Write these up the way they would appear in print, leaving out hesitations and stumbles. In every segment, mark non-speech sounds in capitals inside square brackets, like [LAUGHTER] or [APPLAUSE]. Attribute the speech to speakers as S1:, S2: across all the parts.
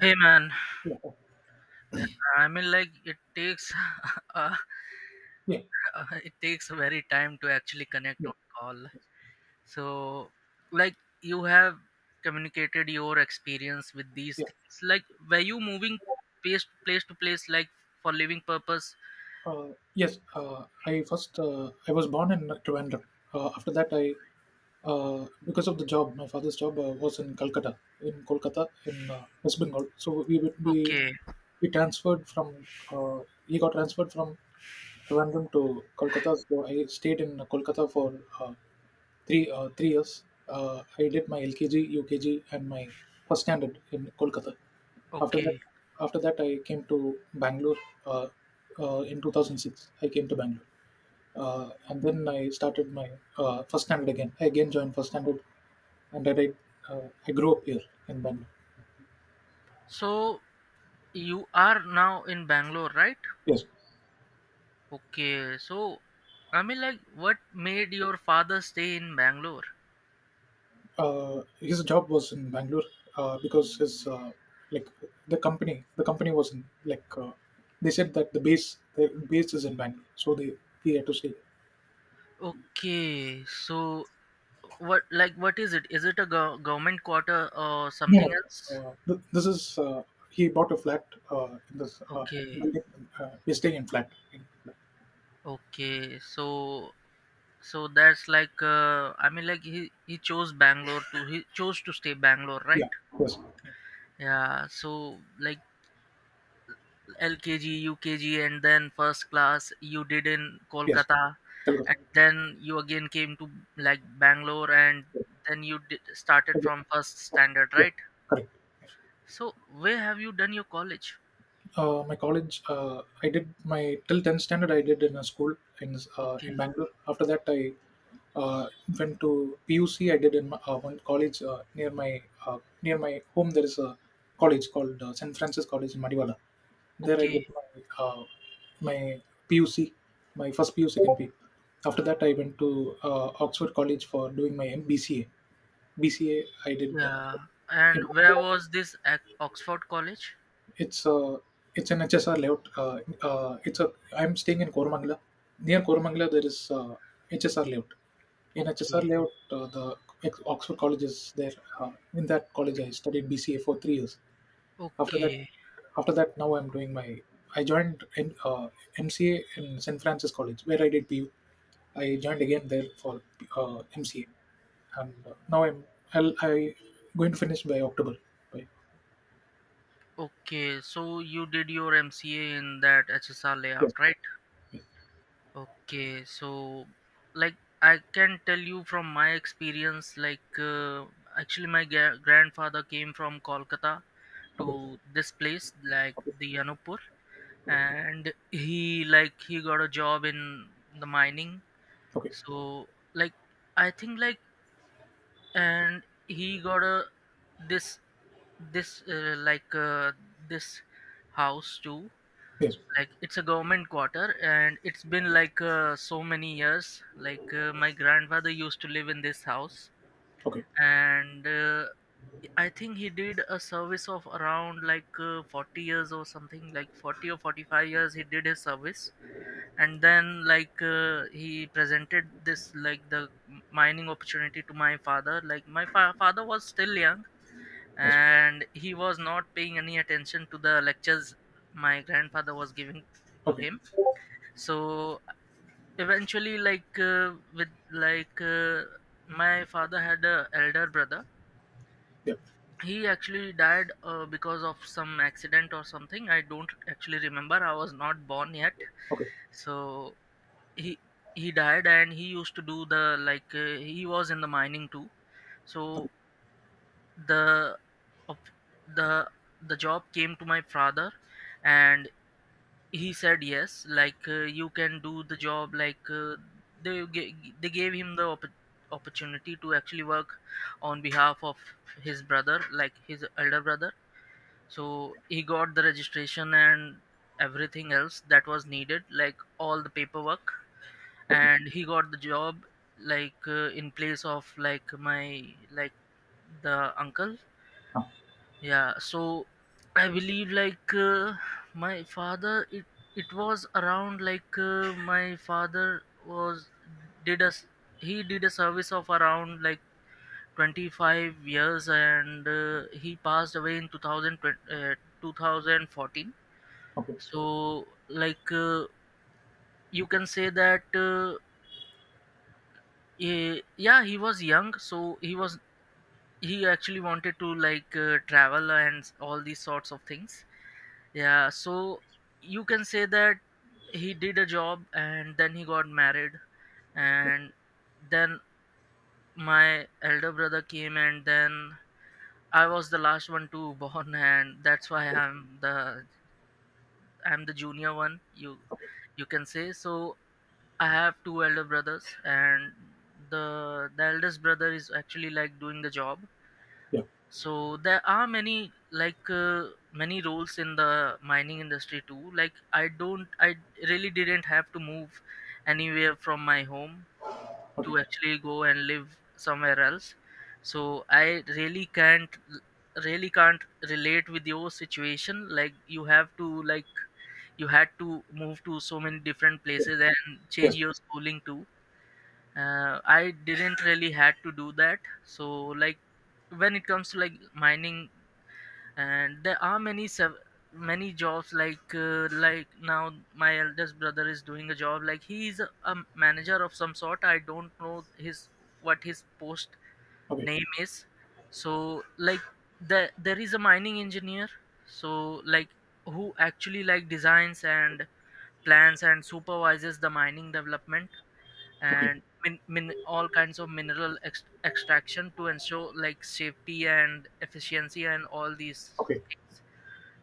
S1: Hey man,
S2: Yeah.
S1: it takes [LAUGHS] uh,
S2: Yeah.
S1: it takes very time to actually connect
S2: Yeah.
S1: on call.
S2: Yes.
S1: So like you have communicated your experience with these
S2: Yes.
S1: things. Like were you moving place to place like for living purpose?
S2: Yes. I was born in Trivandrum. After that, I because of the job, my father's job was in Calcutta, in Kolkata, in West Bengal. So we would be
S1: Okay,
S2: we transferred from he got transferred from Trivandrum to Kolkata. So I stayed in Kolkata for uh, three years. I did my LKG, UKG, and my first standard in Kolkata. After that,
S1: okay.
S2: after that, I came to Bangalore. Uh, in 2006, I came to Bangalore, and then I started my first standard again. I again joined first standard, and then I grew up here in Bangalore.
S1: So you are now in Bangalore, right?
S2: Yes,
S1: Okay. So what made your father stay in Bangalore?
S2: his job was in Bangalore because his like the company was in like they said that the base is in Bangalore, so they he had to stay.
S1: Okay, so what what is it? Is it a government quarter or
S2: No,
S1: something else?
S2: th- this is he bought a flat in this
S1: Okay,
S2: building. He's staying in flat. In flat.
S1: okay. So that's like he chose Bangalore to he chose to stay Bangalore, right?
S2: Yeah, yes,
S1: Yeah. So like LKG, UKG, and then first class you did in
S2: yes.
S1: Kolkata,
S2: Calcutta.
S1: and then you again came to Bangalore, and then started from first
S2: Yes.
S1: standard,
S2: Yeah,
S1: right?
S2: correct.
S1: So where have you done your college?
S2: I did my till 10th standard. I did in a school in in
S1: Okay,
S2: Bangalore. After that, I uh, went to PUC. I did in one college near my home. There is a college called St. Francis College in Madiwala. There I did
S1: okay.
S2: my PUC, my first PU, second PU. After that, I went to Oxford College for doing my BCA. BCA I did.
S1: Yeah.
S2: It,
S1: And where was this at Oxford College?
S2: it's uh, it's an HSR layout. It's a I'm staying in Koramangala. Near Koramangala, there is HSR layout. In HSR
S1: Okay.
S2: layout, the Oxford College is there. In that college, I studied BCA for 3 years. after that
S1: Okay.
S2: after that, now I'm doing my I joined in, MCA in St. Francis College where I did PU. I joined again there for MCA. And I going to finish by october by
S1: Okay. So you did your MCA in that HSR layout,
S2: Yes.
S1: right? Okay. So like I can tell you from my experience like actually my grandfather came from Kolkata
S2: Okay.
S1: to this place like the Anupur and he got a job in the mining.
S2: Okay.
S1: So like I think and he got a this this uh, like uh, this house too
S2: Yes.
S1: like it's a government quarter, and it's been like so many years like my grandfather used to live in this house.
S2: Okay.
S1: And I think he did a service of around like 40 years, or something like 40 or 45 years he did his service. And then like he presented this like the mining opportunity to my father. Like my father was still young,
S2: Yes.
S1: and he was not paying any attention to the lectures my grandfather was giving to
S2: Okay.
S1: him. So eventually, like with like my father had a elder brother.
S2: Yeah.
S1: He actually died because of some accident or something. I don't actually remember, I was not born yet.
S2: Okay.
S1: So he he died, and he used to do the like he was in the mining too. So
S2: Okay.
S1: the of the the job came to my father, and he said yes, like you can do the job like they ga- they gave him the opportunity to actually work on behalf of his brother, like his elder brother. So he got the registration and everything else that was needed, like all the paperwork, and he got the job, like in place of like my like the uncle.
S2: Ah,
S1: Yeah, so I believe like my father it it was around like my father was did us he did a service of around like 25 years, and he passed away in 2020, 2014.
S2: okay.
S1: So like you can say that yeah, he was young, so he actually wanted to like travel and all these sorts of things. Yeah, so you can say that he did a job, and then he got married, and then my elder brother came, and then I was the last one to [LAUGHS] born, and that's why I'm the junior one, you can say. So I have two elder brothers, and the eldest brother is actually like doing the job.
S2: Yeah.
S1: So there are many like many roles in the mining industry too. Like I don't I really didn't have to move anywhere from my home to
S2: Okay.
S1: actually go and live somewhere else. So I really can't relate with your situation. Like you had to move to so many different
S2: Yeah,
S1: places and change
S2: yes.
S1: your schooling too. I didn't really had to do that. So like when it comes to like mining, and there are many many jobs like now my eldest brother is doing a job, like he is a manager of some sort. I don't know his what his post
S2: Okay.
S1: name is. So like there is a mining engineer. So like who actually like designs and plans and supervises the mining development,
S2: Okay.
S1: and all kinds of mineral extraction to ensure like safety and efficiency and all these
S2: Okay.
S1: things.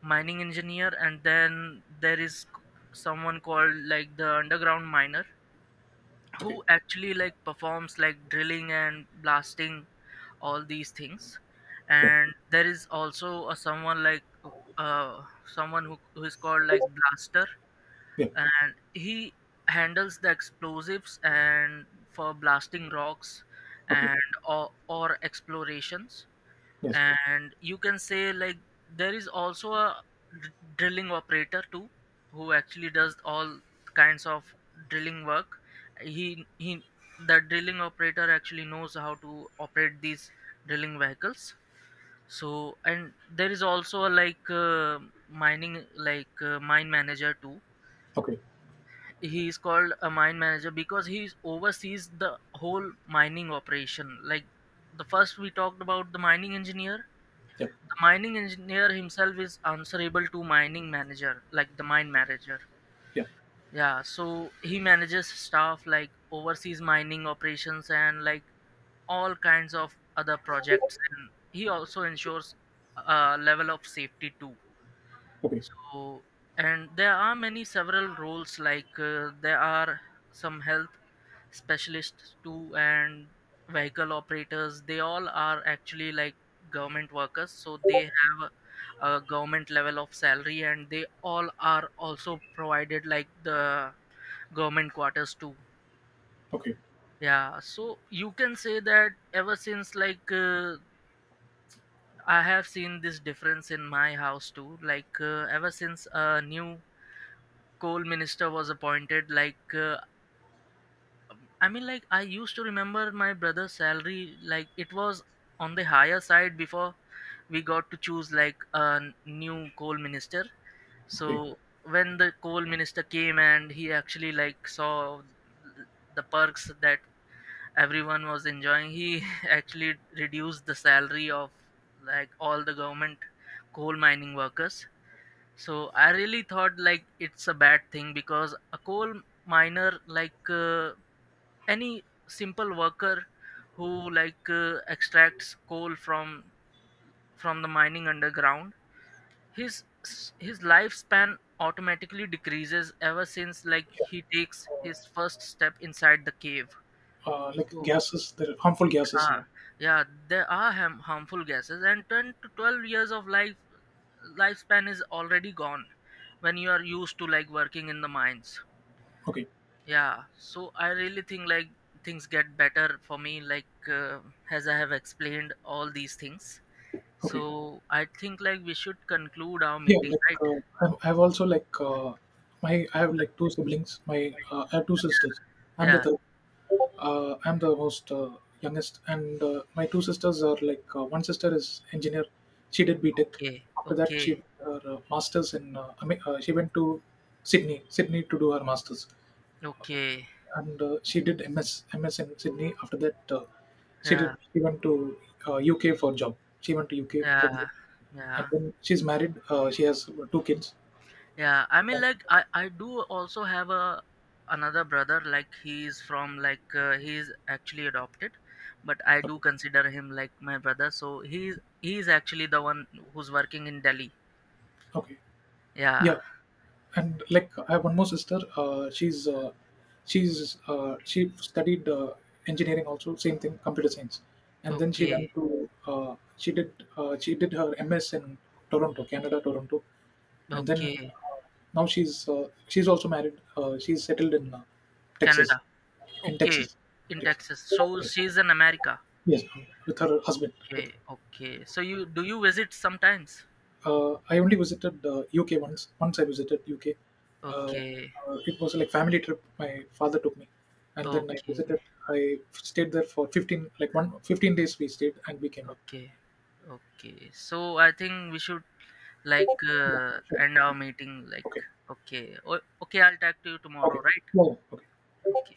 S1: Mining engineer, and then there is someone called like the underground miner,
S2: Okay.
S1: who actually like performs like drilling and blasting, all these things.
S2: Yeah,
S1: And there is also a someone like uh someone who is called like blaster,
S2: yeah.
S1: and he handles the explosives and for blasting rocks
S2: Okay.
S1: and or explorations.
S2: Yes.
S1: And you can say like there is also a drilling operator too, who actually does all kinds of drilling work. He he the drilling operator actually knows how to operate these drilling vehicles. So and there is also a like mining like mine manager too.
S2: Okay.
S1: He is called a mine manager because he oversees the whole mining operation. Like the first we talked about the mining engineer.
S2: Yeah.
S1: The mining engineer himself is answerable to mining manager, like the mine manager.
S2: Yeah.
S1: Yeah, so he manages staff, like oversees mining operations and like all kinds of other projects. And he also ensures a level of safety too.
S2: Okay.
S1: So, and there are many several roles like there are some health specialists too, and vehicle operators. They all are actually like government workers, so they have a government level of salary, and they all are also provided like the government quarters too.
S2: Okay.
S1: Yeah, so you can say that ever since like I have seen this difference in my house too. Like ever since a new coal minister was appointed, like I used to remember my brother's salary. Like it was on the higher side before we got to choose like a new coal minister. So
S2: Okay.
S1: when the coal minister came, and he actually like saw the perks that everyone was enjoying, he [LAUGHS] actually reduced the salary of like all the government coal mining workers. So I really thought like it's a bad thing, because a coal miner, like any simple worker who like extracts coal from the mining underground, his his lifespan automatically decreases ever since like he takes his first step inside the cave.
S2: Like,
S1: So
S2: gases that harmful gases
S1: ah,
S2: are.
S1: yeah, there are harmful gases, and 10 to 12 years of lifespan is already gone when you are used to like working in the mines.
S2: Okay.
S1: Yeah, so I really think like things get better for me, like as I have explained all these things. So
S2: Okay.
S1: I think like we should conclude our
S2: Yeah,
S1: meeting,
S2: like,
S1: right?
S2: I've also, like, my I have like two siblings. My I have two sisters. I'm the
S1: Yeah.
S2: third. Uh, I'm the most youngest. And my two sisters are like one sister is engineer. She did B Tech.
S1: Okay,
S2: After that,
S1: okay.
S2: she did her masters. She went to Sydney to do her masters.
S1: Okay.
S2: And she did MS in Sydney. After that,
S1: Yeah,
S2: she went to UK for job. She went to UK for
S1: yeah,
S2: job, and
S1: yeah,
S2: then she's married. She has two kids.
S1: yeah. I do also have a another brother. Like he's from like he actually adopted, but I do
S2: Okay,
S1: consider him like my brother. So he's actually the one who's working in Delhi.
S2: okay, yeah.
S1: Yeah.
S2: And like I have one more sister. She studied engineering also, same thing, computer science, and then she
S1: Okay,
S2: went to she did her MS in Toronto, Canada, Toronto, and then
S1: okay.
S2: uh, now she's also married. She's settled in Texas,
S1: Canada.
S2: in
S1: Okay,
S2: Texas,
S1: in
S2: Texas.
S1: Texas. So she's in America.
S2: Yes, with her husband. With
S1: Okay, okay. So you do you visit sometimes?
S2: I only visited UK once. Once I visited UK.
S1: Okay,
S2: It was like family trip. My father took me, and then I
S1: okay,
S2: visited. I stayed there for 15, like one 15 days. We stayed and we came back.
S1: okay, okay. So I think we should like
S2: Yeah, sure.
S1: end our meeting like
S2: Okay,
S1: okay. Okay, I'll talk to you tomorrow,
S2: okay.
S1: right?
S2: Well, okay.
S1: Okay.